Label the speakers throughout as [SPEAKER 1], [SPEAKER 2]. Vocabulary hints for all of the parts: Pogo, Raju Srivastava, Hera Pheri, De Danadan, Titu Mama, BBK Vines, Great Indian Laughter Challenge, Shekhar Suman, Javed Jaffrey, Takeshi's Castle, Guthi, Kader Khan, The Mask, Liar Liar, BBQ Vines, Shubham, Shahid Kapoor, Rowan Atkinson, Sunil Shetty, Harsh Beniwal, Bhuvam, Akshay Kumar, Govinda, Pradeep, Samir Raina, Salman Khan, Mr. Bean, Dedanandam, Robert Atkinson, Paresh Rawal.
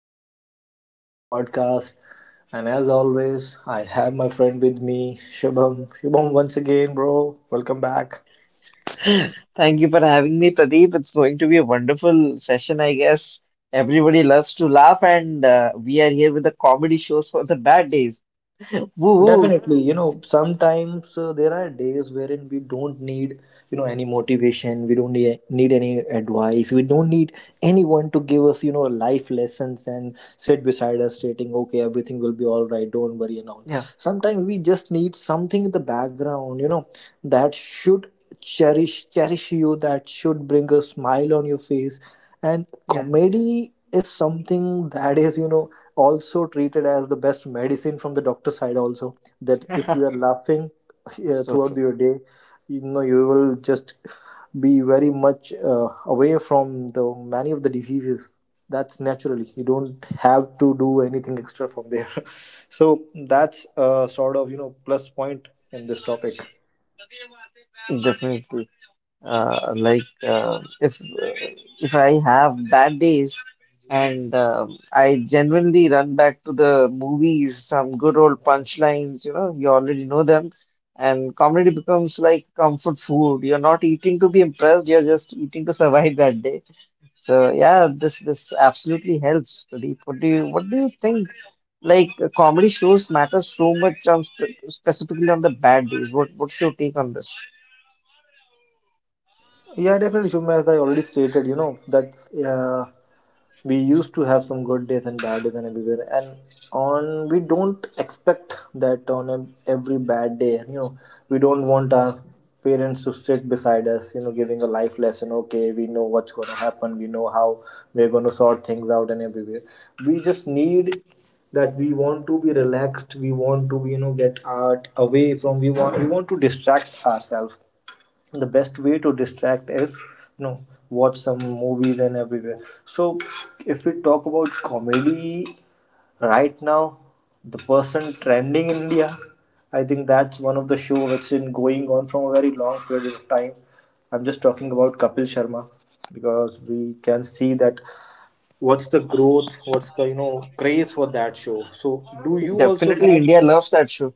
[SPEAKER 1] episode of our podcast. And as always, I have my friend with me, Shubham. Shubham, once again, bro, welcome back.
[SPEAKER 2] Thank you for having me, Pradeep. It's going to be a wonderful session, I guess. Everybody loves to laugh, and we are here with the comedy shows for the bad days. Woo woo.
[SPEAKER 1] Definitely, you know, sometimes there are days wherein we don't need, you know, any motivation, we don't need any advice, we don't need anyone to give us, you know, life lessons and sit beside us stating, okay, everything will be all right, don't worry and all.
[SPEAKER 2] Yeah,
[SPEAKER 1] Sometimes we just need something in the background, you know, that should cherish you, that should bring a smile on your face. And
[SPEAKER 2] yeah.
[SPEAKER 1] comedy is something that is, you know, also treated as the best medicine from the doctor side, also. That if you are laughing
[SPEAKER 2] So
[SPEAKER 1] throughout
[SPEAKER 2] true.
[SPEAKER 1] your day, you know, you will just be very much away from the many of the diseases. That's naturally, you don't have to do anything extra from there. So that's sort of, you know, plus point in this topic.
[SPEAKER 2] Definitely. uh, like uh, if uh, if I have bad days and I genuinely run back to the movies, some good old punchlines, you know, you already know them, and comedy becomes like comfort food. You're not eating to be impressed, you're just eating to survive that day. So yeah, this absolutely helps, Pradeep. What do you think? Comedy shows matter so much on specifically on the bad days. What's your take on this?
[SPEAKER 1] Yeah, definitely, Shubham, as I already stated, you know, that uh, we used to have some good days and bad days and everywhere, and on we don't expect that on every bad day, you know, we don't want our parents to sit beside us, you know, giving a life lesson. Okay, we know what's going to happen, we know how we're going to sort things out and everywhere. We just need that, we want to be relaxed, we want to, you know, get out away from, we want to distract ourselves. The best way to distract is, you know, watch some movies and everywhere. So if we talk about comedy right now, the person trending in India, I think that's one of the show which been going on from a very long period of time. I'm just talking about Kapil Sharma, because we can see that what's the growth, what's the, you know, craze for that show. So do you also
[SPEAKER 2] Definitely,
[SPEAKER 1] have,
[SPEAKER 2] India loves that show.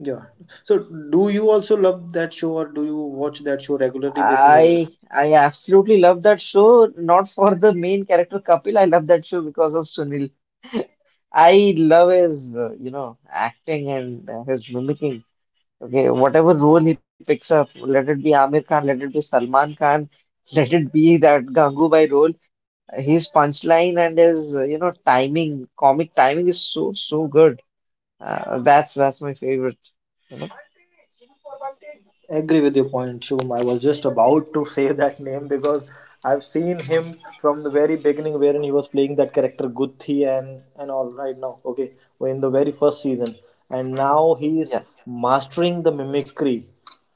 [SPEAKER 1] yeah. So, do you also love that show, or do you watch that show regularly basis? Or what?
[SPEAKER 2] I absolutely love that show. Not for the main character Kapil. I love that show because of Sunil. I love his, you know, acting and his mimicking. Okay, whatever role he picks up, let it be Amir Khan, let it be Salman Khan, let it be that Gangubai role. His punchline and his, you know, timing, comic timing is so good. That's my favorite. You know?
[SPEAKER 1] Agree with your point, Shubham. I was just about to say that name, because I've seen him from the very beginning, wherein he was playing that character Guthi and all. Right now, okay, we in the very first season, and now he is
[SPEAKER 2] Yeah,
[SPEAKER 1] mastering the mimicry.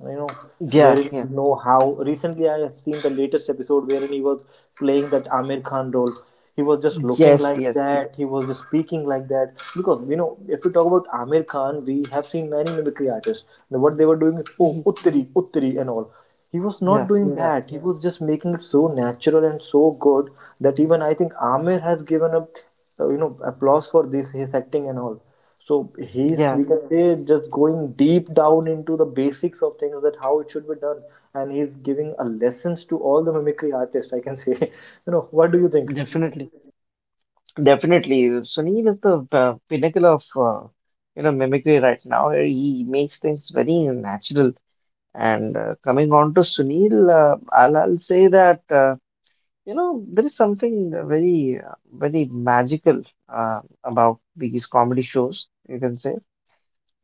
[SPEAKER 1] You know,
[SPEAKER 2] yeah,
[SPEAKER 1] very
[SPEAKER 2] yeah.
[SPEAKER 1] know how. Recently, I have seen the latest episode wherein he was playing that Amir Khan role. He was just looking
[SPEAKER 2] Yes,
[SPEAKER 1] like
[SPEAKER 2] yes.
[SPEAKER 1] that. He was just speaking like that. Because, you know, if we talk about Amir Khan, we have seen many mimicry artists. Now, what they were doing is oh Uttari, Uttari, and all. He was
[SPEAKER 2] Yeah,
[SPEAKER 1] not doing
[SPEAKER 2] yeah.
[SPEAKER 1] that. He was just making it so natural and so good that even I think Amir has given up, you know, applause for this his acting and all. So he's,
[SPEAKER 2] Yeah,
[SPEAKER 1] we can say, just going deep down into the basics of things, that how it should be done, and he's giving a lessons to all the mimicry artists, I can say. You know, what do you think?
[SPEAKER 2] definitely. Definitely. Sunil is the pinnacle of you know mimicry right now. He makes things very natural. And coming on to Sunil, I'll say that you know there is something very magical about these comedy shows, you can say.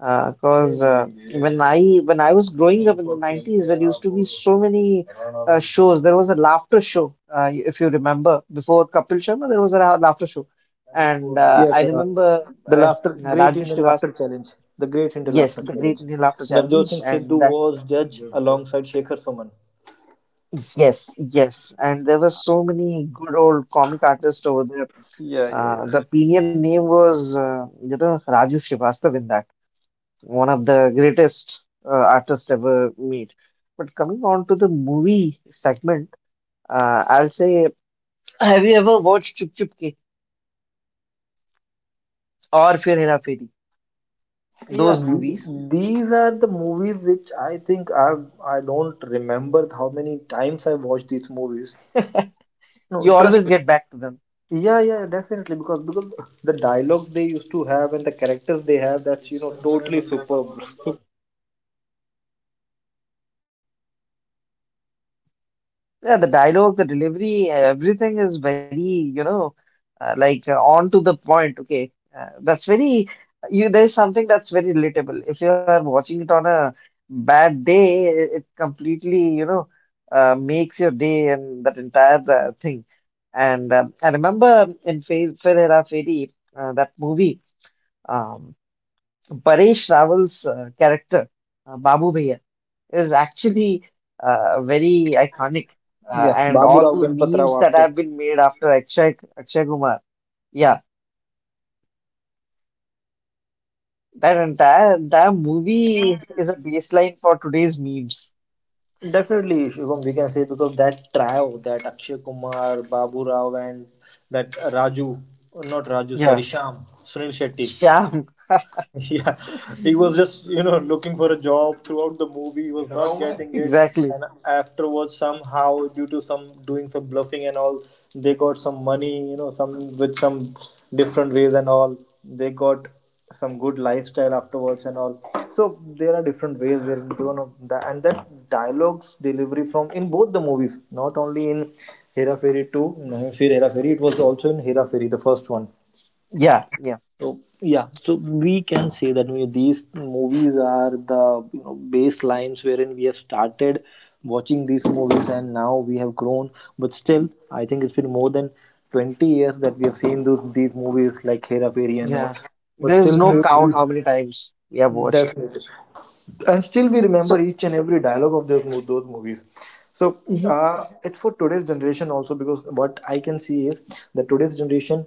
[SPEAKER 2] Cause When I was growing up in the 90s, there used to be so many shows. There was a laughter show, if you remember, before Kapil Sharma, there was a laughter show, and
[SPEAKER 1] Yeah,
[SPEAKER 2] I
[SPEAKER 1] the,
[SPEAKER 2] remember
[SPEAKER 1] the
[SPEAKER 2] uh,
[SPEAKER 1] laughter, Great
[SPEAKER 2] Rajesh
[SPEAKER 1] Indian
[SPEAKER 2] Devas,
[SPEAKER 1] Laughter Challenge, the Great Indian Laughter
[SPEAKER 2] yes, the
[SPEAKER 1] Challenge.
[SPEAKER 2] Great Indian Laughter
[SPEAKER 1] Navjot Singh
[SPEAKER 2] Challenge,
[SPEAKER 1] Sidhu
[SPEAKER 2] and that,
[SPEAKER 1] was judge alongside Shekhar Suman.
[SPEAKER 2] yes, yes, and there were so many good old comic artists over there.
[SPEAKER 1] Yeah, yeah, yeah.
[SPEAKER 2] The premium name was, you know, Raju Srivastava in that. One of the greatest artists ever made. But coming on to the movie segment, I'll say, have you ever watched Chup Chup Ke or Fir Hera Feri?
[SPEAKER 1] Yeah,
[SPEAKER 2] Those movies,
[SPEAKER 1] these are the movies which I think I don't remember how many times I watched these movies. No,
[SPEAKER 2] you always
[SPEAKER 1] trust me.
[SPEAKER 2] get back to them.
[SPEAKER 1] Yeah, yeah, definitely, because the dialogue they used to have and the characters they have, that's, you know, totally superb.
[SPEAKER 2] Yeah, the dialogue, the delivery, everything is very, you know, on to the point. Okay, that's very you. There's something that's very relatable. If you are watching it on a bad day, it completely, you know, makes your day and that entire thing. And I remember in Fe Fir Hera Feri, that movie, um, Paresh Rawal's character, Babu Bhaiya is actually very iconic.
[SPEAKER 1] Yeah,
[SPEAKER 2] And
[SPEAKER 1] Babu
[SPEAKER 2] all
[SPEAKER 1] Rao
[SPEAKER 2] the
[SPEAKER 1] Ganpat
[SPEAKER 2] memes
[SPEAKER 1] Rao
[SPEAKER 2] that
[SPEAKER 1] Apte.
[SPEAKER 2] have been made after Akshay Kumar. Yeah, that entire movie is a baseline for today's memes.
[SPEAKER 1] Definitely, Shubham, we can say, because that trio, that Akshay Kumar, Babu Rao, and that Raju, not Raju, sorry,
[SPEAKER 2] Yeah,
[SPEAKER 1] Sham, Sunil Shetty.
[SPEAKER 2] yeah,
[SPEAKER 1] Yeah, he was just, you know, looking for a job throughout the movie. He was not getting it,
[SPEAKER 2] exactly.
[SPEAKER 1] and afterwards, somehow, due to some doing some bluffing and all, they got some money, you know, some with some different ways and all. They got some good lifestyle afterwards and all. So there are different ways where you know that, and that dialogues delivery from in both the movies, not only in Hera Fairy 2, Nahi Fir Hera Fairy, it was also in Hera Fairy, the first one.
[SPEAKER 2] Yeah, yeah,
[SPEAKER 1] So yeah, so we can say that, you know, these movies are the, you know, baselines wherein we have started watching these movies, and now we have grown. But still, I think it's been more than 20 years that we have seen those, these movies like Hera Fairy and all.
[SPEAKER 2] yeah.
[SPEAKER 1] But
[SPEAKER 2] There is
[SPEAKER 1] still,
[SPEAKER 2] no
[SPEAKER 1] we
[SPEAKER 2] count how many times we have watched.
[SPEAKER 1] definitely, and still we remember
[SPEAKER 2] So,
[SPEAKER 1] each and every dialogue of those those movies. So
[SPEAKER 2] mhm,
[SPEAKER 1] uh, it's for today's generation also, because what I can see is that today's generation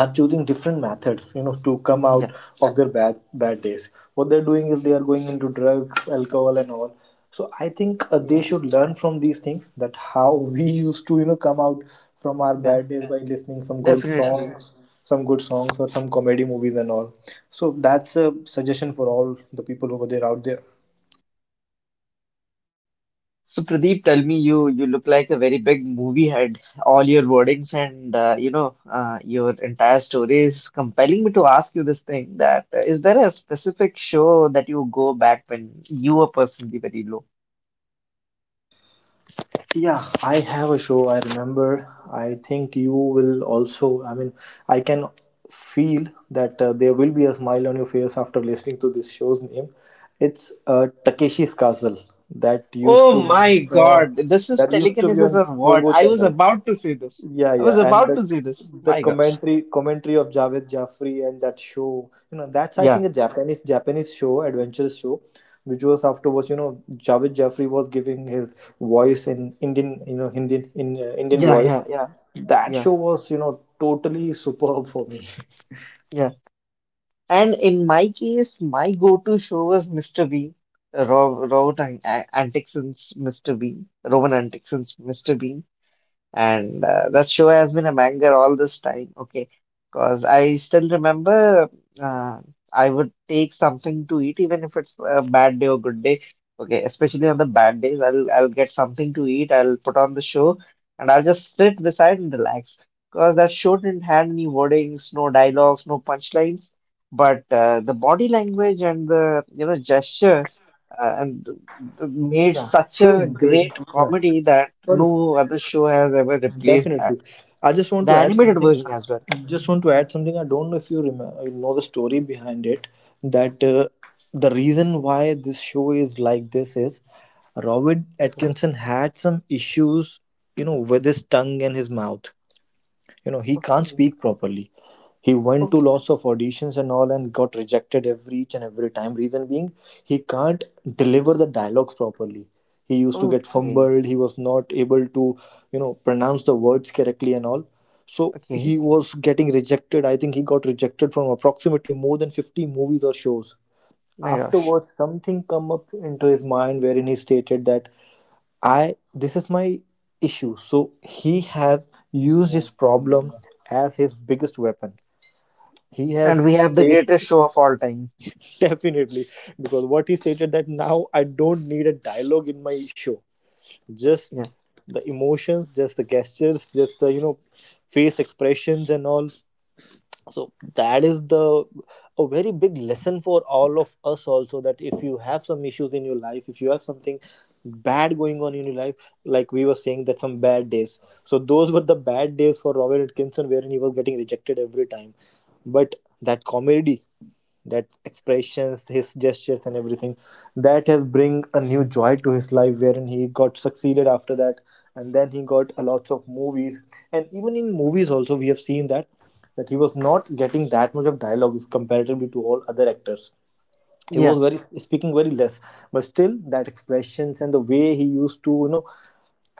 [SPEAKER 1] are choosing different methods, you know, to come
[SPEAKER 2] yeah,
[SPEAKER 1] out of their bad days. What they're doing is they
[SPEAKER 2] mhm,
[SPEAKER 1] are going into drugs, alcohol and all. So I think they
[SPEAKER 2] yeah,
[SPEAKER 1] should learn from these things, that how we used to, you know, come out from our
[SPEAKER 2] yeah,
[SPEAKER 1] bad days by listening
[SPEAKER 2] definitely.
[SPEAKER 1] some good songs or some comedy movies and all. So that's a suggestion for all the people over there, out there.
[SPEAKER 2] So Pradeep, tell me, you look like a very big movie head. All your wordings and you know your entire story is compelling me to ask you this thing. That is there a specific show that you go back when you were personally very low?
[SPEAKER 1] Yeah, I have a show. I remember. I think you will also. I mean, I can feel that there will be a smile on your face after listening to this show's name. It's Takeshi's Castle that used
[SPEAKER 2] Oh
[SPEAKER 1] to
[SPEAKER 2] my
[SPEAKER 1] oh,
[SPEAKER 2] God, this is
[SPEAKER 1] that used to be
[SPEAKER 2] telekinesis
[SPEAKER 1] on
[SPEAKER 2] or what?
[SPEAKER 1] Pogo
[SPEAKER 2] I was
[SPEAKER 1] channel.
[SPEAKER 2] about to say this.
[SPEAKER 1] Yeah,
[SPEAKER 2] I was
[SPEAKER 1] yeah, and
[SPEAKER 2] about
[SPEAKER 1] the
[SPEAKER 2] to say this.
[SPEAKER 1] the
[SPEAKER 2] My gosh.
[SPEAKER 1] commentary of Javed Jaffrey and that show, you know, that's I think a
[SPEAKER 2] Yeah,
[SPEAKER 1] Japanese show, adventurous show, which was afterwards, you know, Javed Jaffrey was giving his voice in Indian, you know, Hindi in Indian
[SPEAKER 2] yeah,
[SPEAKER 1] voice.
[SPEAKER 2] yeah, yeah,
[SPEAKER 1] That
[SPEAKER 2] yeah,
[SPEAKER 1] show was, you know, totally superb for me.
[SPEAKER 2] yeah. And in my case, my go-to show was Mr. Bean, Robert Antickson's Mr. Bean, Rowan Atkinson's Mr. Bean. And that show has been a banger all this time, okay? Because I still remember uh, I would take something to eat, even if it's a bad day or good day, okay? Especially on the bad days, I'll get something to eat, I'll put on the show, and I'll just sit beside and relax. Because that show didn't have any wordings, no dialogues, no punchlines, but the body language and the you know gesture uh, and made
[SPEAKER 1] Yeah,
[SPEAKER 2] such
[SPEAKER 1] so
[SPEAKER 2] a
[SPEAKER 1] big.
[SPEAKER 2] great
[SPEAKER 1] Yeah,
[SPEAKER 2] comedy that
[SPEAKER 1] sorry.
[SPEAKER 2] no other show has ever replaced that.
[SPEAKER 1] Definitely. I just want
[SPEAKER 2] The
[SPEAKER 1] to add
[SPEAKER 2] animated
[SPEAKER 1] something.
[SPEAKER 2] version as well.
[SPEAKER 1] I Just want to add something. I don't know if you remember, you know the story behind it. That the reason why this show is like this is Robert Atkinson had some issues, you know, with his tongue and his mouth. You know, he can't
[SPEAKER 2] Okay,
[SPEAKER 1] speak properly. He went to
[SPEAKER 2] okay,
[SPEAKER 1] lots of auditions and all, and got rejected every each and every time, reason being he can't deliver the dialogues properly. He used to get
[SPEAKER 2] okay,
[SPEAKER 1] fumbled, he was not able to, you know, pronounce the words correctly and all. So
[SPEAKER 2] okay.
[SPEAKER 1] he was getting rejected. I think he got rejected from approximately more than 50 movies or shows.
[SPEAKER 2] My gosh.
[SPEAKER 1] Afterwards, something come up into his mind, wherein he stated that, I this is my issue. So he has used his problem as his biggest weapon. He
[SPEAKER 2] And
[SPEAKER 1] has
[SPEAKER 2] we have the
[SPEAKER 1] said,
[SPEAKER 2] greatest show of all time.
[SPEAKER 1] definitely, because what he stated that, now I don't need a dialogue in my show. Just
[SPEAKER 2] Yeah,
[SPEAKER 1] the emotions, just the gestures, just the, you know, face expressions and all. So that is the a very big lesson for all of us also, that if you have some issues in your life, if you have something bad going on in your life, like we were saying that some bad days, so those were the bad days for Robert Atkinson, wherein he was getting rejected every time. But that comedy, that expressions, his gestures and everything, that has bring a new joy to his life, wherein he got succeeded after that, and then he got a lots of movies. And even in movies also we have seen that, that he was not getting that much of dialogue if comparatively to all other actors. He
[SPEAKER 2] yeah.
[SPEAKER 1] was very speaking very less. But still, that expressions and the way he used to, you know,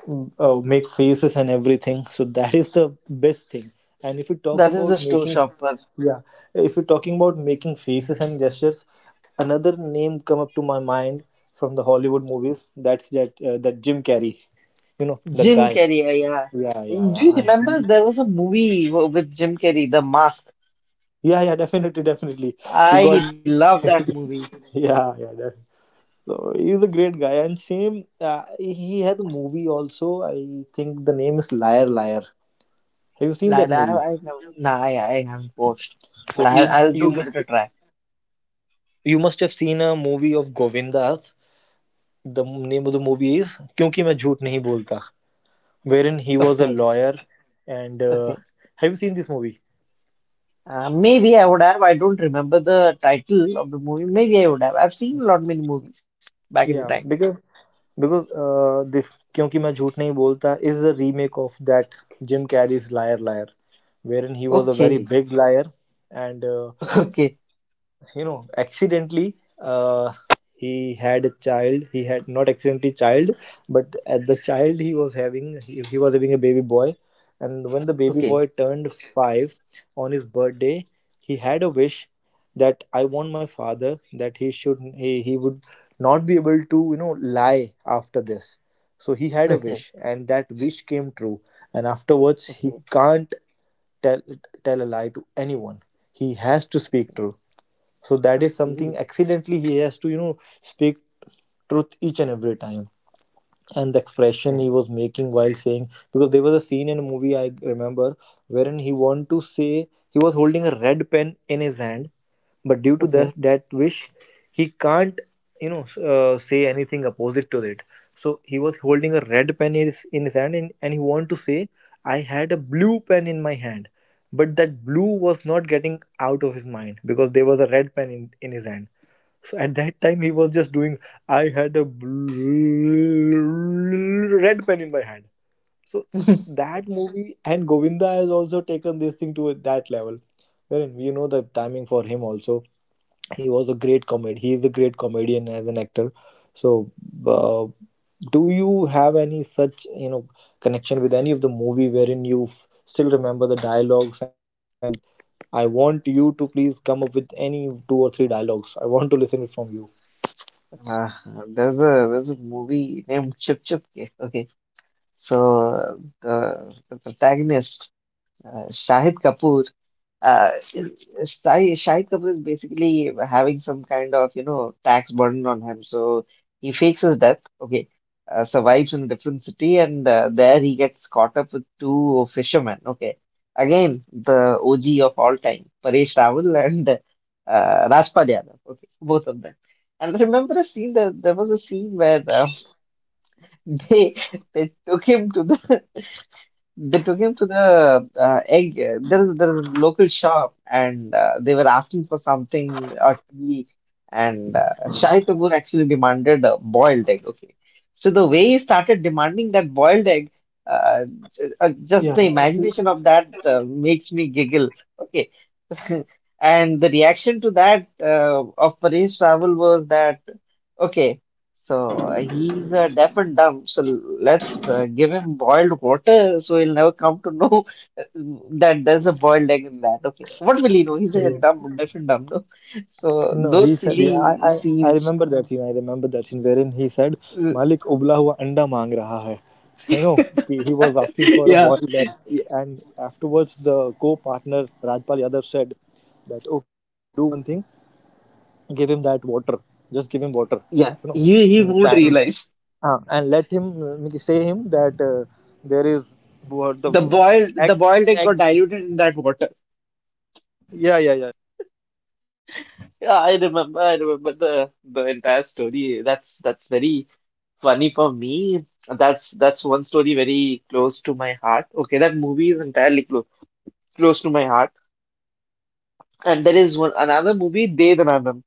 [SPEAKER 1] make faces and everything, so that is the best thing. And if you talk
[SPEAKER 2] That is the
[SPEAKER 1] about
[SPEAKER 2] Slow
[SPEAKER 1] making
[SPEAKER 2] Shopper.
[SPEAKER 1] yeah, if you're talking about making faces and gestures, another name come up to my mind from the Hollywood movies, that's that that Jim Carrey, you know, that
[SPEAKER 2] Jim
[SPEAKER 1] guy.
[SPEAKER 2] Carrey, yeah.
[SPEAKER 1] Yeah, yeah,
[SPEAKER 2] Do
[SPEAKER 1] yeah,
[SPEAKER 2] you remember there was a movie with Jim Carrey, The Mask?
[SPEAKER 1] yeah, yeah, definitely, definitely, he
[SPEAKER 2] I
[SPEAKER 1] got
[SPEAKER 2] love that movie.
[SPEAKER 1] yeah, yeah. So he's a great guy, and same he has a movie also. I think the name is Liar Liar. Have you seen that
[SPEAKER 2] Like,
[SPEAKER 1] movie?
[SPEAKER 2] I know. Nah, I haven't watched,
[SPEAKER 1] So
[SPEAKER 2] but
[SPEAKER 1] you
[SPEAKER 2] I'll
[SPEAKER 1] you
[SPEAKER 2] do give
[SPEAKER 1] must,
[SPEAKER 2] it a try.
[SPEAKER 1] you must have seen a movie of Govindas. The name of the movie is क्योंकि मैं झूठ नहीं बोलता, wherein he was a
[SPEAKER 2] Okay.
[SPEAKER 1] lawyer, and
[SPEAKER 2] Okay.
[SPEAKER 1] have you seen this movie?
[SPEAKER 2] Maybe I would have. I don't remember the title of the movie. Maybe I would have. I've seen a lot many movies back in the time.
[SPEAKER 1] Yeah, because this क्योंकि मैं झूठ नहीं बोलता is a remake of that Jim Carrey's Liar Liar, wherein he was a
[SPEAKER 2] Okay,
[SPEAKER 1] very big liar and.
[SPEAKER 2] okay,
[SPEAKER 1] You know accidentally uh, he had a child he had not accidentally child but at the child he was having he was having a baby boy. And when the baby
[SPEAKER 2] okay,
[SPEAKER 1] boy turned 5 on his birthday he had a wish that I want my father that he would not be able to you know lie after this. So he had a
[SPEAKER 2] okay,
[SPEAKER 1] wish and that wish came true, and afterwards
[SPEAKER 2] okay,
[SPEAKER 1] he can't tell tell a lie to anyone. He has to speak truth. So that is something accidentally he has to you know speak truth each and every time. And the expression
[SPEAKER 2] okay,
[SPEAKER 1] he was making while saying, because there was a scene in a movie I remember wherein he wanted to say, he was holding a red pen in his hand, but due to
[SPEAKER 2] okay,
[SPEAKER 1] that wish, he can't say anything opposite to it. So he was holding a red pen in in his hand and he wanted to say I had a blue pen in my hand, but that blue was not getting out of his mind because there was a red pen in his hand. So at that time, he was just doing, I had a red pen in my hand. So
[SPEAKER 2] okay.
[SPEAKER 1] that movie, and Govinda has also taken this thing to that level, wherein you know the timing for him also. He was a great comedian. He is a great comedian as an actor. So, uh, do you have any such you know connection with any of the movie wherein you still remember the dialogues? And I want you to please come up with any two or three dialogues. I want to listen it from you.
[SPEAKER 2] Uh, there's a movie named Chip Chip. Ke. Okay, so the protagonist Shahid Kapoor. Uh, Shahid Kapoor is basically having some kind of, you know, tax burden on him. So he fakes his death, okay, survives in a different city, and there he gets caught up with two fishermen, okay. Again, the OG of all time, Paresh Rawal and Rajpal Yadav, okay, both of them. And remember a scene that there was a scene where they they took him to the they took him to the egg. There is a local shop, and they were asking for something or tea. And Shahid Kapoor actually demanded a boiled egg. Okay, so the way he started demanding that boiled egg, uh, just
[SPEAKER 1] Yeah,
[SPEAKER 2] the imagination of that makes me giggle. Okay, and the reaction to that of Paresh travel was that okay. So he's deaf and dumb. So let's give him boiled water so he'll never come to know that there's a boiled egg in that. Okay. What will he know? He's a dumb, deaf and dumb. No? So
[SPEAKER 1] no, he
[SPEAKER 2] those
[SPEAKER 1] said, yeah,
[SPEAKER 2] silly
[SPEAKER 1] I
[SPEAKER 2] scenes.
[SPEAKER 1] remember that scene. I remember that scene wherein he said,
[SPEAKER 2] uh,
[SPEAKER 1] Malik ubla hua anda mang raha hai. You know, he was asking for a
[SPEAKER 2] Yeah.
[SPEAKER 1] boiled egg.
[SPEAKER 2] Yeah.
[SPEAKER 1] And afterwards, the co partner Rajpal Yadav said that, okay, do one thing, give him that water. Just give him water. You
[SPEAKER 2] Yeah.
[SPEAKER 1] know,
[SPEAKER 2] He won't
[SPEAKER 1] and,
[SPEAKER 2] realize.
[SPEAKER 1] and let him say him that there is what the
[SPEAKER 2] The boiled
[SPEAKER 1] egg,
[SPEAKER 2] the boiled egg
[SPEAKER 1] egg.
[SPEAKER 2] got diluted in that water.
[SPEAKER 1] Yeah, yeah, yeah.
[SPEAKER 2] Yeah, I remember. I remember the entire story. That's very funny for me, that's one story very close to my heart. Okay, that movie is entirely close to my heart. And there is one another movie, Dedanandam.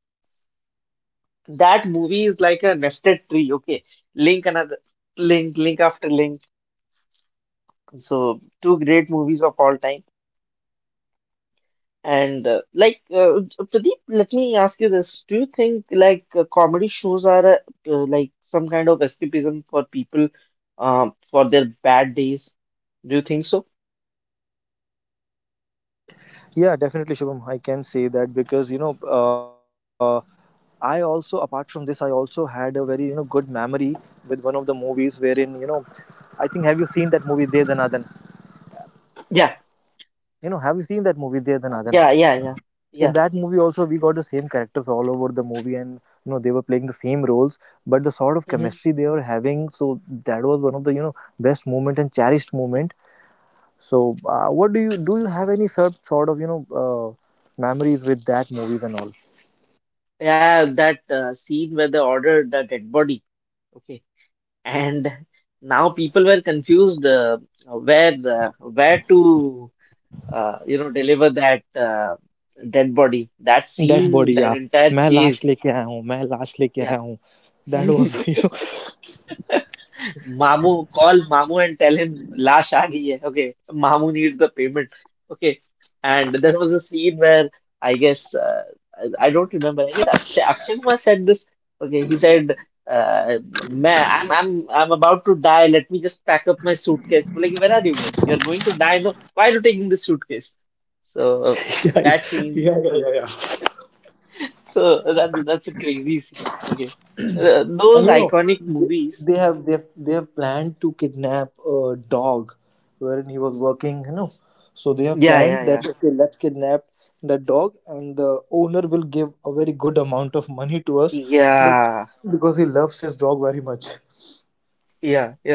[SPEAKER 2] That movie is like a nested tree. Okay, link another link after link. So two great movies of all time. And Pradeep, let me ask you this: do you think comedy shows are like some kind of escapism for people for their bad days? Do you think so?
[SPEAKER 1] Yeah, definitely, Shubham. I can say that because you know, I also apart from this, I also had a very you know good memory with one of the movies wherein you know, I think have you seen that movie De Danadan?
[SPEAKER 2] Yeah.
[SPEAKER 1] You know, have you seen that movie De Danadan?
[SPEAKER 2] Yeah, yeah, yeah,
[SPEAKER 1] In
[SPEAKER 2] yeah.
[SPEAKER 1] that movie also, we got the same characters all over the movie, and you know they were playing the same roles, but the sort of
[SPEAKER 2] Hmm.
[SPEAKER 1] chemistry they were having, so that was one of the you know best moment and cherished moment. So, what do? You have any sort of you know memories with that movies and all?
[SPEAKER 2] Yeah, that scene where they ordered the dead body. Okay, and now people were confused where where to you know deliver that dead body. That
[SPEAKER 1] dead
[SPEAKER 2] scene,
[SPEAKER 1] body
[SPEAKER 2] that
[SPEAKER 1] yeah
[SPEAKER 2] entire
[SPEAKER 1] मैं लाश
[SPEAKER 2] chase.
[SPEAKER 1] लेके आया हूँ मैं लाश लेके
[SPEAKER 2] Yeah,
[SPEAKER 1] आया हूँ, that was you
[SPEAKER 2] Mamu,
[SPEAKER 1] know
[SPEAKER 2] call Mamu and tell him lash aa gayi hai. Okay, Mamu needs the payment. Okay, and there was a scene where I guess I don't remember. I guess Akshay Kumar said this. Okay, he said, uh, "Man, I'm about to die. Let me just pack up my suitcase." Like, where are you going? You're going to die. No, why are you taking this suitcase? So
[SPEAKER 1] yeah yeah
[SPEAKER 2] that scene.
[SPEAKER 1] yeah yeah,
[SPEAKER 2] Okay.
[SPEAKER 1] yeah. yeah.
[SPEAKER 2] So that's a crazy scene. Okay, those
[SPEAKER 1] And you know
[SPEAKER 2] iconic movies.
[SPEAKER 1] they have planned to kidnap a dog wherein he was working, you know. So they have
[SPEAKER 2] Yeah, yeah,
[SPEAKER 1] planned
[SPEAKER 2] yeah,
[SPEAKER 1] that okay, let's kidnap that dog and the owner will give a very good amount of money to us be-
[SPEAKER 2] yeah,
[SPEAKER 1] because he loves his dog very much.
[SPEAKER 2] yeah, yeah,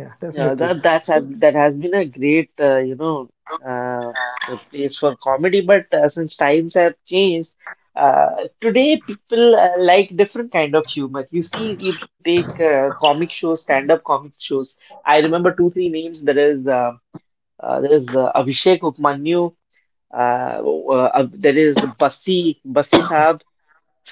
[SPEAKER 1] Yeah,
[SPEAKER 2] yeah.
[SPEAKER 1] definitely.
[SPEAKER 2] That has been a great you know uh, a place for comedy. But since times have changed, uh, today people like different kind of humor. You see, you take comic shows, stand-up comic shows. I remember two, three names. There is Abhishek Upmanyu. Uh, there is Basi Saab.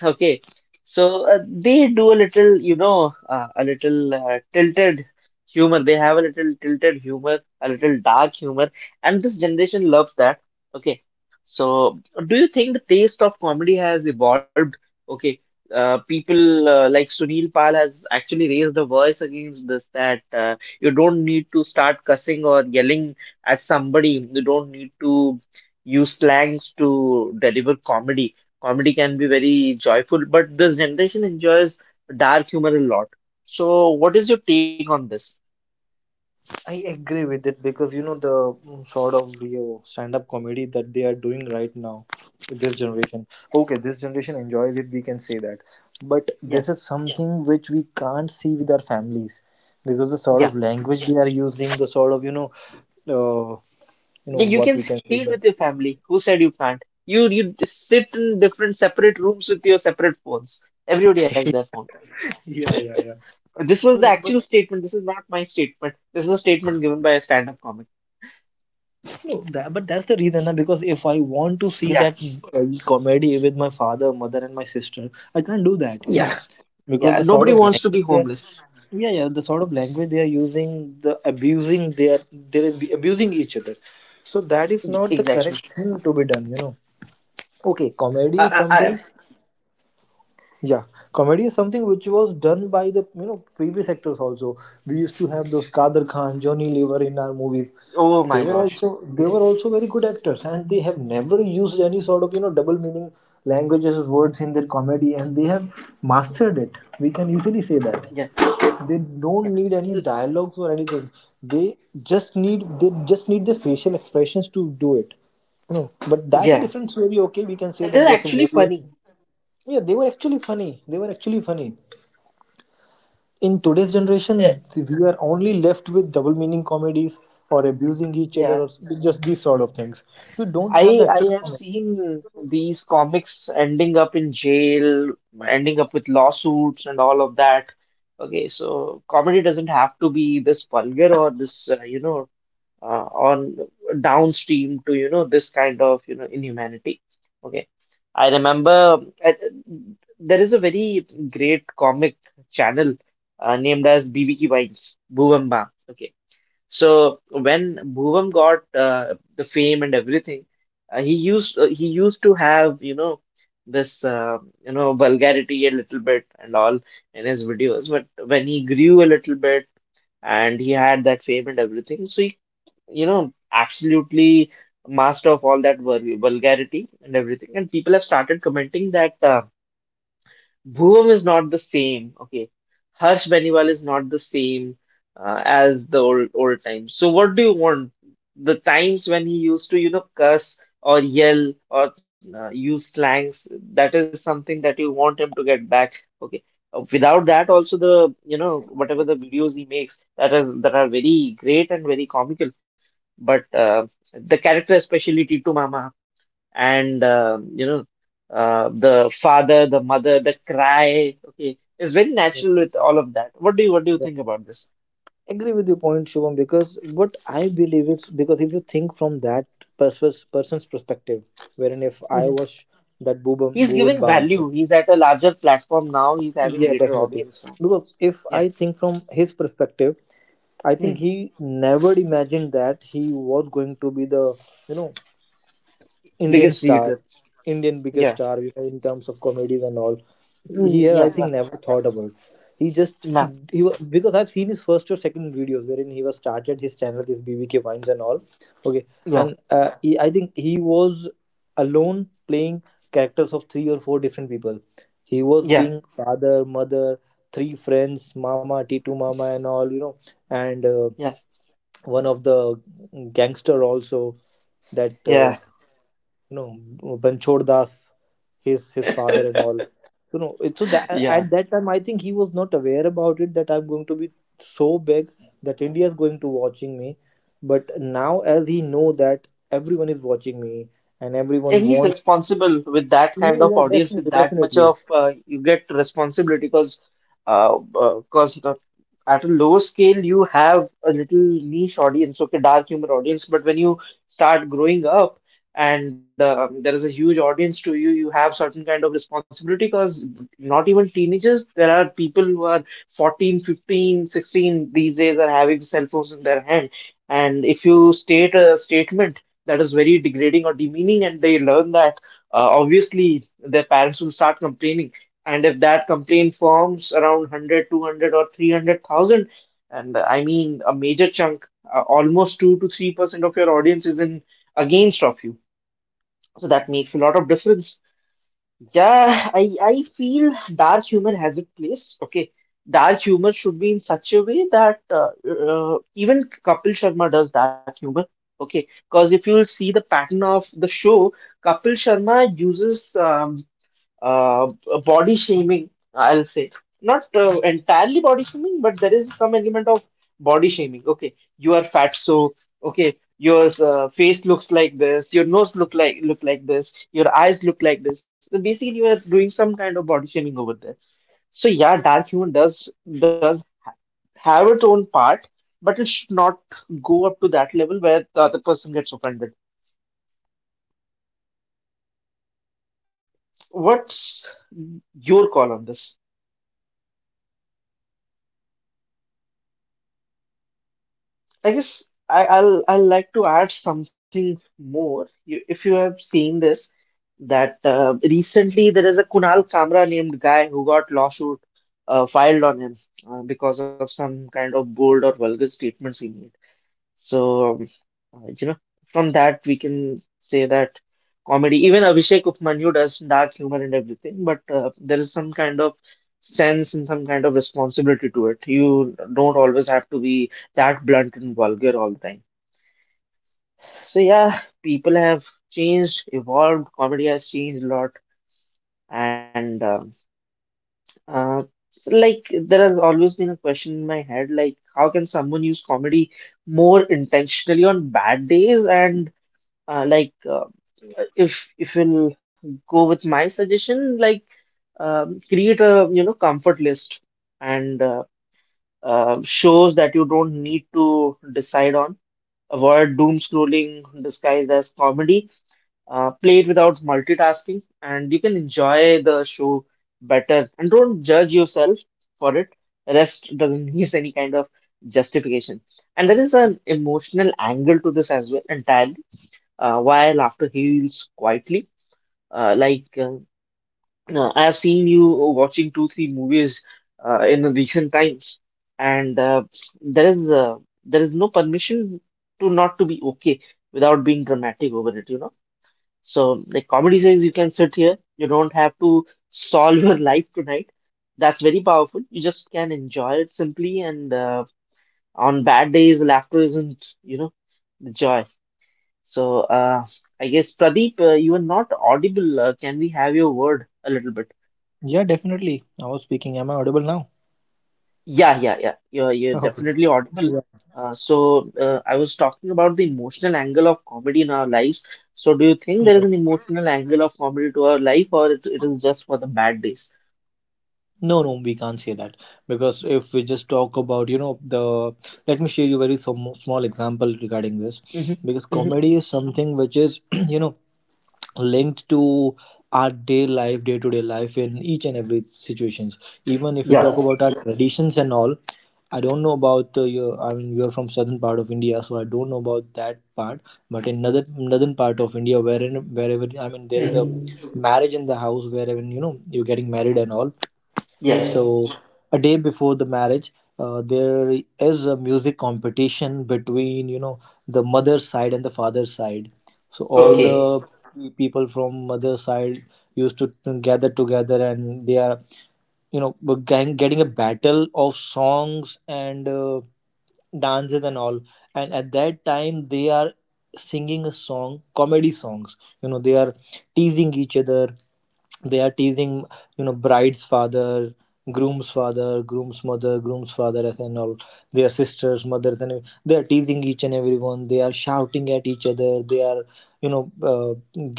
[SPEAKER 2] Okay, so they do a little, you know, a little tilted humor. They have a little tilted humor, a little dark humor, and this generation loves that. Okay, so do you think the taste of comedy has evolved? Okay, people like Sunil Pal has actually raised a voice against this that you don't need to start cussing or yelling at somebody. You don't need to use slangs to deliver comedy. Comedy can be very joyful, but this generation enjoys dark humor a lot. So, what is your take on this?
[SPEAKER 1] I agree with it because you know the mm, sort of you stand-up comedy that they are doing right now, this generation. Okay, this generation enjoys it. We can say that, but
[SPEAKER 2] Yeah,
[SPEAKER 1] this is something which we can't see with our families because the sort of
[SPEAKER 2] yeah,
[SPEAKER 1] language they are using, the sort of uh, you know
[SPEAKER 2] yeah.
[SPEAKER 1] what
[SPEAKER 2] You
[SPEAKER 1] we
[SPEAKER 2] can
[SPEAKER 1] can
[SPEAKER 2] see
[SPEAKER 1] say.
[SPEAKER 2] it with your family. Who said you can't? You sit in different separate rooms with your separate phones. Everybody has
[SPEAKER 1] That-
[SPEAKER 2] their phone.
[SPEAKER 1] yeah, yeah, yeah.
[SPEAKER 2] This
[SPEAKER 1] You
[SPEAKER 2] was the
[SPEAKER 1] know, but
[SPEAKER 2] actual statement. This is not my statement. This is a statement given by a stand-up comic.
[SPEAKER 1] no, that, but that's the reason na, because if I want to
[SPEAKER 2] Yeah,
[SPEAKER 1] see that comedy with my father, mother, and my sister, I can't do that. You know,
[SPEAKER 2] yeah,
[SPEAKER 1] because
[SPEAKER 2] yeah.
[SPEAKER 1] the sort
[SPEAKER 2] Nobody
[SPEAKER 1] of
[SPEAKER 2] wants to be
[SPEAKER 1] language they are,
[SPEAKER 2] homeless.
[SPEAKER 1] yeah yeah, the sort of language they are using, the abusing they are abusing each other. So that is
[SPEAKER 2] Y-
[SPEAKER 1] not the
[SPEAKER 2] Exactly.
[SPEAKER 1] correct thing to be done, you know. Okay, comedy is
[SPEAKER 2] I,
[SPEAKER 1] something, yeah, comedy is something which was done by the you know previous actors also. We used to have those Kader Khan, Johnny Lever in our movies.
[SPEAKER 2] oh my gosh.
[SPEAKER 1] They were
[SPEAKER 2] Great.
[SPEAKER 1] also very good actors, and they have never used any sort of you know double meaning languages words in their comedy, and they have mastered it. We can easily say that
[SPEAKER 2] Yeah,
[SPEAKER 1] they
[SPEAKER 2] yeah.
[SPEAKER 1] don't need any
[SPEAKER 2] L-
[SPEAKER 1] dialogues or anything. They they just need the facial expressions to do it. You know, but that's a
[SPEAKER 2] Yeah,
[SPEAKER 1] different story. Okay, we can say
[SPEAKER 2] and
[SPEAKER 1] that
[SPEAKER 2] they're
[SPEAKER 1] there's a
[SPEAKER 2] actually
[SPEAKER 1] movie.
[SPEAKER 2] funny.
[SPEAKER 1] Yeah, they were actually funny. They were actually funny. In today's
[SPEAKER 2] Eh,
[SPEAKER 1] generation, we are only left with double meaning comedies or abusing each other or
[SPEAKER 2] yeah.
[SPEAKER 1] just these sort of things. We don't have the
[SPEAKER 2] I
[SPEAKER 1] actual
[SPEAKER 2] I have
[SPEAKER 1] comedy.
[SPEAKER 2] seen these comics ending up in jail, ending up with lawsuits and all of that. Okay, so comedy doesn't have to be this vulgar or this, you know, on downstream to, you know, this kind of, you know, inhumanity. Okay. I remember uh, there is a very great comic channel named as BBQ Vines, Boomerang. So when Bhuvam got the fame and everything, he used to have, you know, this you know, vulgarity a little bit and all in his videos. But when he grew a little bit and he had that fame and everything, so he, you know, absolutely master of all that vulgarity and everything. And people have started commenting that. Bhuvam is not the same. Okay, Harsh Beniwal is not the same as the old times. So what do you want? The times when he used to, you know, curse or yell or use slangs. That is something that you want him to get back. Okay. Without that, also the, you know, whatever the videos he makes, that is that are very great and very comical. But the character, especially Titu Mama, and the father, the mother, the cry. Okay, is very natural with all of that. What do you
[SPEAKER 1] Yeah.
[SPEAKER 2] think about this?
[SPEAKER 1] Agree with your point, Shubham, because what I believe is, because if you think from that person's perspective, wherein if I
[SPEAKER 2] Hmm.
[SPEAKER 1] was that
[SPEAKER 2] He's
[SPEAKER 1] Bhuvan
[SPEAKER 2] giving
[SPEAKER 1] Bam,
[SPEAKER 2] value. He's at a larger platform now. He's having
[SPEAKER 1] yeah,
[SPEAKER 2] greater
[SPEAKER 1] definitely.
[SPEAKER 2] audience now.
[SPEAKER 1] Because if
[SPEAKER 2] Yeah.
[SPEAKER 1] I think from his perspective, I think
[SPEAKER 2] Mm.
[SPEAKER 1] he never imagined that he was going to be the you know Indian
[SPEAKER 2] Biggest
[SPEAKER 1] star,
[SPEAKER 2] YouTuber.
[SPEAKER 1] Indian biggest
[SPEAKER 2] Yeah.
[SPEAKER 1] star, you know, in terms of comedies and all. He
[SPEAKER 2] Mm,
[SPEAKER 1] had,
[SPEAKER 2] yeah.
[SPEAKER 1] I
[SPEAKER 2] Yeah.
[SPEAKER 1] think, never thought about. He just
[SPEAKER 2] Nah.
[SPEAKER 1] because I've seen his first or second videos wherein he was started his channel, this BBK Vines and all. Okay,
[SPEAKER 2] Yeah.
[SPEAKER 1] and I think he was alone playing characters of three or four different people. He was
[SPEAKER 2] Yeah.
[SPEAKER 1] being father, mother, three friends, mama, T2 mama, and all. You know, and
[SPEAKER 2] Yeah.
[SPEAKER 1] one of the gangster also that
[SPEAKER 2] Yeah.
[SPEAKER 1] no Banchod Das, his father and all. You know, it, so that
[SPEAKER 2] Yeah.
[SPEAKER 1] at that time I think he was not aware about it that I'm going to be so big, that India is going to watching me. But now as he know that everyone is watching me and
[SPEAKER 2] Yeah, he's
[SPEAKER 1] everyone wants.
[SPEAKER 2] responsible with that kind of
[SPEAKER 1] Yeah, yeah,
[SPEAKER 2] audience, with
[SPEAKER 1] definitely,
[SPEAKER 2] that much
[SPEAKER 1] definitely.
[SPEAKER 2] of you get responsibility because uh, uh, 'cause the- at a low scale you have a little niche audience, okay, dark humor audience. But when you start growing up and there is a huge audience to you, you have certain kind of responsibility because not even teenagers, there are people who are 14, 15, 16 these days are having cell phones in their hand. And if you state a statement that is very degrading or demeaning and they learn that, obviously their parents will start complaining, and if that complaint forms around 100 200 or 300,000 and I mean a major chunk, almost 2 to 3% of your audience is in against of you, so that makes a lot of difference. Yeah, I feel dark humor has a place. Okay, dark humor should be in such a way that even Kapil Sharma does dark humor. Okay, because if you will see the pattern of the show, Kapil Sharma uses uh, body shaming, I'll say. Not entirely body shaming, but there is some element of body shaming. Okay, you are fat, so okay, your face looks like this, your nose look like this, your eyes look like this. So basically, you are doing some kind of body shaming over there. So yeah, dark humor does have its own part, but it should not go up to that level where the other person gets offended.
[SPEAKER 1] Yeah, definitely, Shubham. Because
[SPEAKER 2] What's
[SPEAKER 1] let me
[SPEAKER 2] your
[SPEAKER 1] tell you
[SPEAKER 2] call
[SPEAKER 1] one
[SPEAKER 2] on
[SPEAKER 1] thing.
[SPEAKER 2] this?
[SPEAKER 1] Yeah, let me tell you one thing. Because as I work in a corporate world, so I have seen this
[SPEAKER 2] I
[SPEAKER 1] thing many
[SPEAKER 2] guess
[SPEAKER 1] times.
[SPEAKER 2] I'll like to add something more. You, if you have
[SPEAKER 1] Yeah,
[SPEAKER 2] seen
[SPEAKER 1] yeah.
[SPEAKER 2] this, that recently there is a Kunal Kamra named guy who got lawsuit filed on him because of some kind of bold or vulgar statements he made. So you know, from that we can say that comedy, even Abhishek Upmanyu does dark humor and everything, but there is some kind of sense and some kind of responsibility to it. You don't always have to be that blunt and vulgar all the time.
[SPEAKER 1] I just remember one guy. I
[SPEAKER 2] So
[SPEAKER 1] think that's
[SPEAKER 2] yeah, people
[SPEAKER 1] Samir
[SPEAKER 2] have
[SPEAKER 1] Raina.
[SPEAKER 2] changed,
[SPEAKER 1] Samir Raina, I
[SPEAKER 2] evolved.
[SPEAKER 1] think.
[SPEAKER 2] Comedy has changed a lot, and uh, so, like, there has always been a question in my head, like how can someone use comedy more intentionally on bad days and uh, like uh, if you'll go with my suggestion, like create a, you know, comfort list and shows that you don't need to decide on, avoid doom scrolling disguised as comedy, play it without multitasking and you can enjoy the show better and don't judge yourself for it. Rest doesn't need any kind of justification, and there is an emotional angle to this as well entirely, while laughter heals quietly. Uh, like uh, I have seen you watching two, three movies in the recent times, and there is uh, there is no permission to not to be okay without being dramatic over it, you know. So like comedy says, you can sit here. You don't have to solve your life tonight. That's very powerful. You just can enjoy it simply, and on bad days, laughter isn't, you know, the joy. So, I guess Pradeep, you are not audible. Can we have your word a little bit?
[SPEAKER 1] Yeah, definitely. I was speaking. Am I audible now?
[SPEAKER 2] Yeah, yeah, yeah. You're
[SPEAKER 1] Okay.
[SPEAKER 2] definitely audible.
[SPEAKER 1] Yeah.
[SPEAKER 2] So, I was talking about the emotional angle of comedy in our lives. So, do you think there is
[SPEAKER 1] Yeah.
[SPEAKER 2] an emotional angle of comedy to our life, or it is just for the bad days?
[SPEAKER 1] No, no, we can't say that because if we just talk about, you know, the, let me share you very some small example regarding this,
[SPEAKER 2] Hmm.
[SPEAKER 1] because
[SPEAKER 2] Hmm.
[SPEAKER 1] comedy is something which is, you know, linked to our day to day life in each and every situations, even if you
[SPEAKER 2] Yeah.
[SPEAKER 1] talk about our traditions and all. I don't know about your, I mean you're from southern part of India so I don't know about that part, but in northern part of India, wherein wherever, I mean, there is a
[SPEAKER 2] Hmm.
[SPEAKER 1] marriage in the house wherein you know you're getting married and all.
[SPEAKER 2] Yeah.
[SPEAKER 1] So a day before the marriage there is a music competition between you know the mother's side and the father's side. So all
[SPEAKER 2] Okay.
[SPEAKER 1] the people from mother's side used to gather together and they are you know getting a battle of songs and dances and all, and at that time they are singing a song, comedy songs, you know. They are teasing each other, they are teasing, you know, bride's father, groom's father, groom's mother, groom's father as and all, their sisters, mothers, and they are teasing each and everyone, they are shouting at each other, they are you know uh,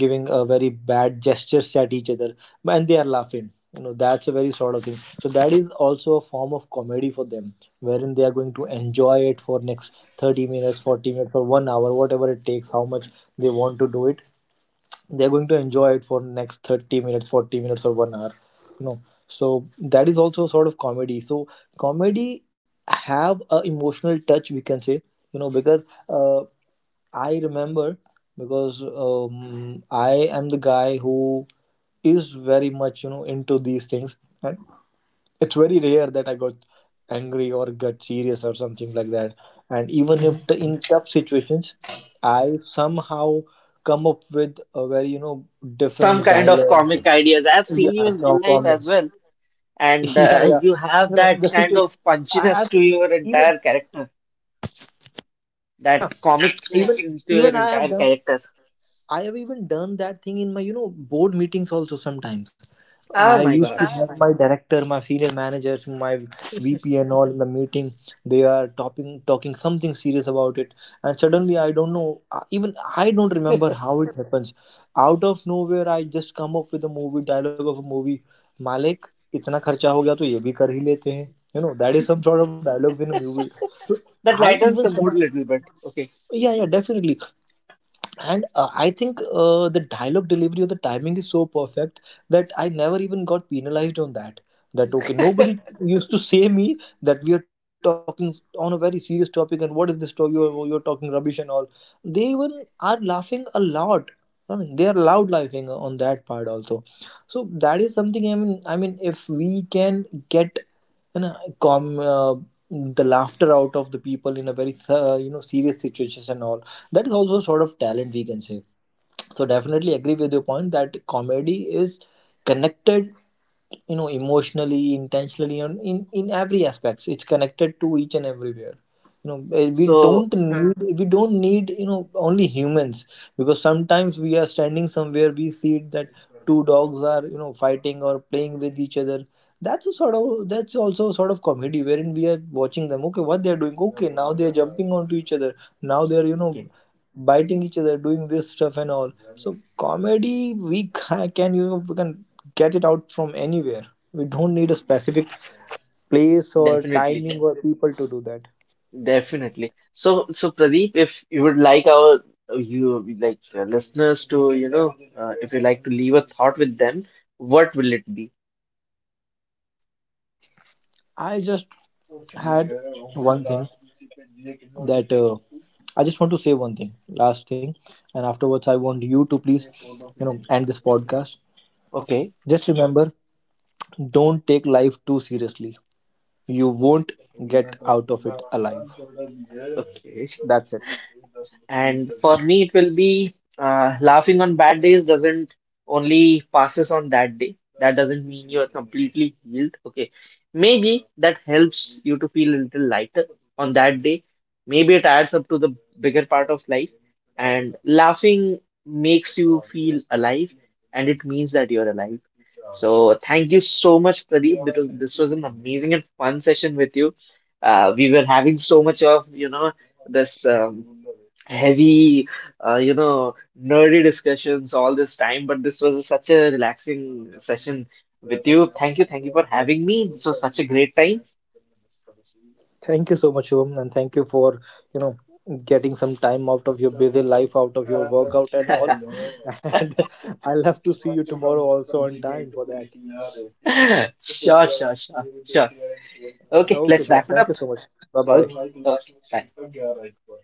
[SPEAKER 1] giving a very bad gestures at each other, and they are laughing, you know. That's a very sort of thing, so that is also a form of comedy for them, wherein they are going to enjoy it for next 30 minutes 40 minutes for 1 hour, whatever it takes, how much they want to do it. They're going to enjoy it for next 30 minutes 40 minutes or 1 hour, you know. So that is also sort of comedy. So comedy have a emotional touch, we can say, you know. Because uh, I remember, because I am the guy who is very much you know into these things, and it's very rare that I got angry or got serious or something like that. And even if in tough situations, I somehow come up with a very you know
[SPEAKER 2] Some
[SPEAKER 1] different
[SPEAKER 2] kind of
[SPEAKER 1] dialogue.
[SPEAKER 2] comic ideas. I've seen
[SPEAKER 1] Yeah,
[SPEAKER 2] you in real life as
[SPEAKER 1] common.
[SPEAKER 2] well, and
[SPEAKER 1] Yeah, yeah.
[SPEAKER 2] you have
[SPEAKER 1] You know
[SPEAKER 2] that
[SPEAKER 1] the
[SPEAKER 2] kind
[SPEAKER 1] situation.
[SPEAKER 2] of punchiness
[SPEAKER 1] I've
[SPEAKER 2] to your
[SPEAKER 1] even,
[SPEAKER 2] entire character. That
[SPEAKER 1] yeah, even
[SPEAKER 2] comicness into
[SPEAKER 1] even
[SPEAKER 2] your
[SPEAKER 1] I have
[SPEAKER 2] entire
[SPEAKER 1] done
[SPEAKER 2] character.
[SPEAKER 1] I have even done that thing in my, you know, board meetings also sometimes. I
[SPEAKER 2] Ah, my
[SPEAKER 1] used to have
[SPEAKER 2] gosh,
[SPEAKER 1] my director, my senior managers, my VP and all in the meeting. They are talking something serious about it, and suddenly I don't know. Even I don't remember how it happens. Out of nowhere, I just come up with a movie dialogue of a movie. Malik, इतना खर्चा हो गया तो ये भी कर ही लेते हैं. You know, that is some sort of dialogues in a movie. So
[SPEAKER 2] that
[SPEAKER 1] I
[SPEAKER 2] lightens
[SPEAKER 1] even
[SPEAKER 2] the
[SPEAKER 1] some
[SPEAKER 2] mood a little bit. Okay,
[SPEAKER 1] yeah yeah, definitely. And I think the dialogue delivery or the timing is so perfect that I never even got penalized on that, that okay, nobody used to say me that we are talking on a very serious topic and what is this you are talking rubbish and all. They even are laughing a lot, I mean they are loud laughing on that part also. So that is something, I mean if we can get, you know, com the laughter out of the people in a very you know serious situations and all, that is also a sort of talent we can say. So definitely agree with your point that comedy is connected, you know, emotionally, intentionally, and in every aspects it's connected to each and everywhere, you know. We
[SPEAKER 2] so
[SPEAKER 1] don't need, you know, only humans, because sometimes we are standing somewhere we see it that two dogs are you know fighting or playing with each other. That's a sort of, that's also a sort of comedy wherein we are watching them, okay what they're doing, okay now they're jumping onto each other, now they're you know
[SPEAKER 2] okay,
[SPEAKER 1] biting each other, doing this stuff and all. So comedy, we ca- can you we can get it out from anywhere. We don't need a specific place or
[SPEAKER 2] definitely,
[SPEAKER 1] timing or people to do that.
[SPEAKER 2] definitely. So, Pradeep, if you would like our, you like listeners to, you know, if you like to leave a thought with them, what will it be?
[SPEAKER 1] I just had one thing that I just want to say one thing, last thing, and afterwards I want you to please, you know, end this podcast.
[SPEAKER 2] Okay.
[SPEAKER 1] Just remember, don't take life too seriously. You won't get out of it alive.
[SPEAKER 2] Okay.
[SPEAKER 1] That's it.
[SPEAKER 2] And for me, it will be, laughing on bad days doesn't only passes on that day. That doesn't mean you are completely healed. Okay. Maybe that helps you to feel a little lighter on that day. Maybe it adds up to the bigger part of life. And laughing makes you feel alive, and it means that you're alive. So thank you so much, Pradeep, because this was an amazing and fun session with you. We were having so much of, you know, this heavy, you know, nerdy discussions all this time, but this was such a relaxing session with you. Thank you, thank you for having me. This was such a great time.
[SPEAKER 1] Thank you so much, Shubham, and thank you for you know getting some time out of your busy life, out of your workout and all. And I'll have to see you tomorrow also on time for that.
[SPEAKER 2] Sure, sure, sure, sure. Okay,
[SPEAKER 1] Okay,
[SPEAKER 2] let's
[SPEAKER 1] sure.
[SPEAKER 2] wrap it
[SPEAKER 1] Thank
[SPEAKER 2] up.
[SPEAKER 1] you so much. Bye bye.
[SPEAKER 2] Okay, bye.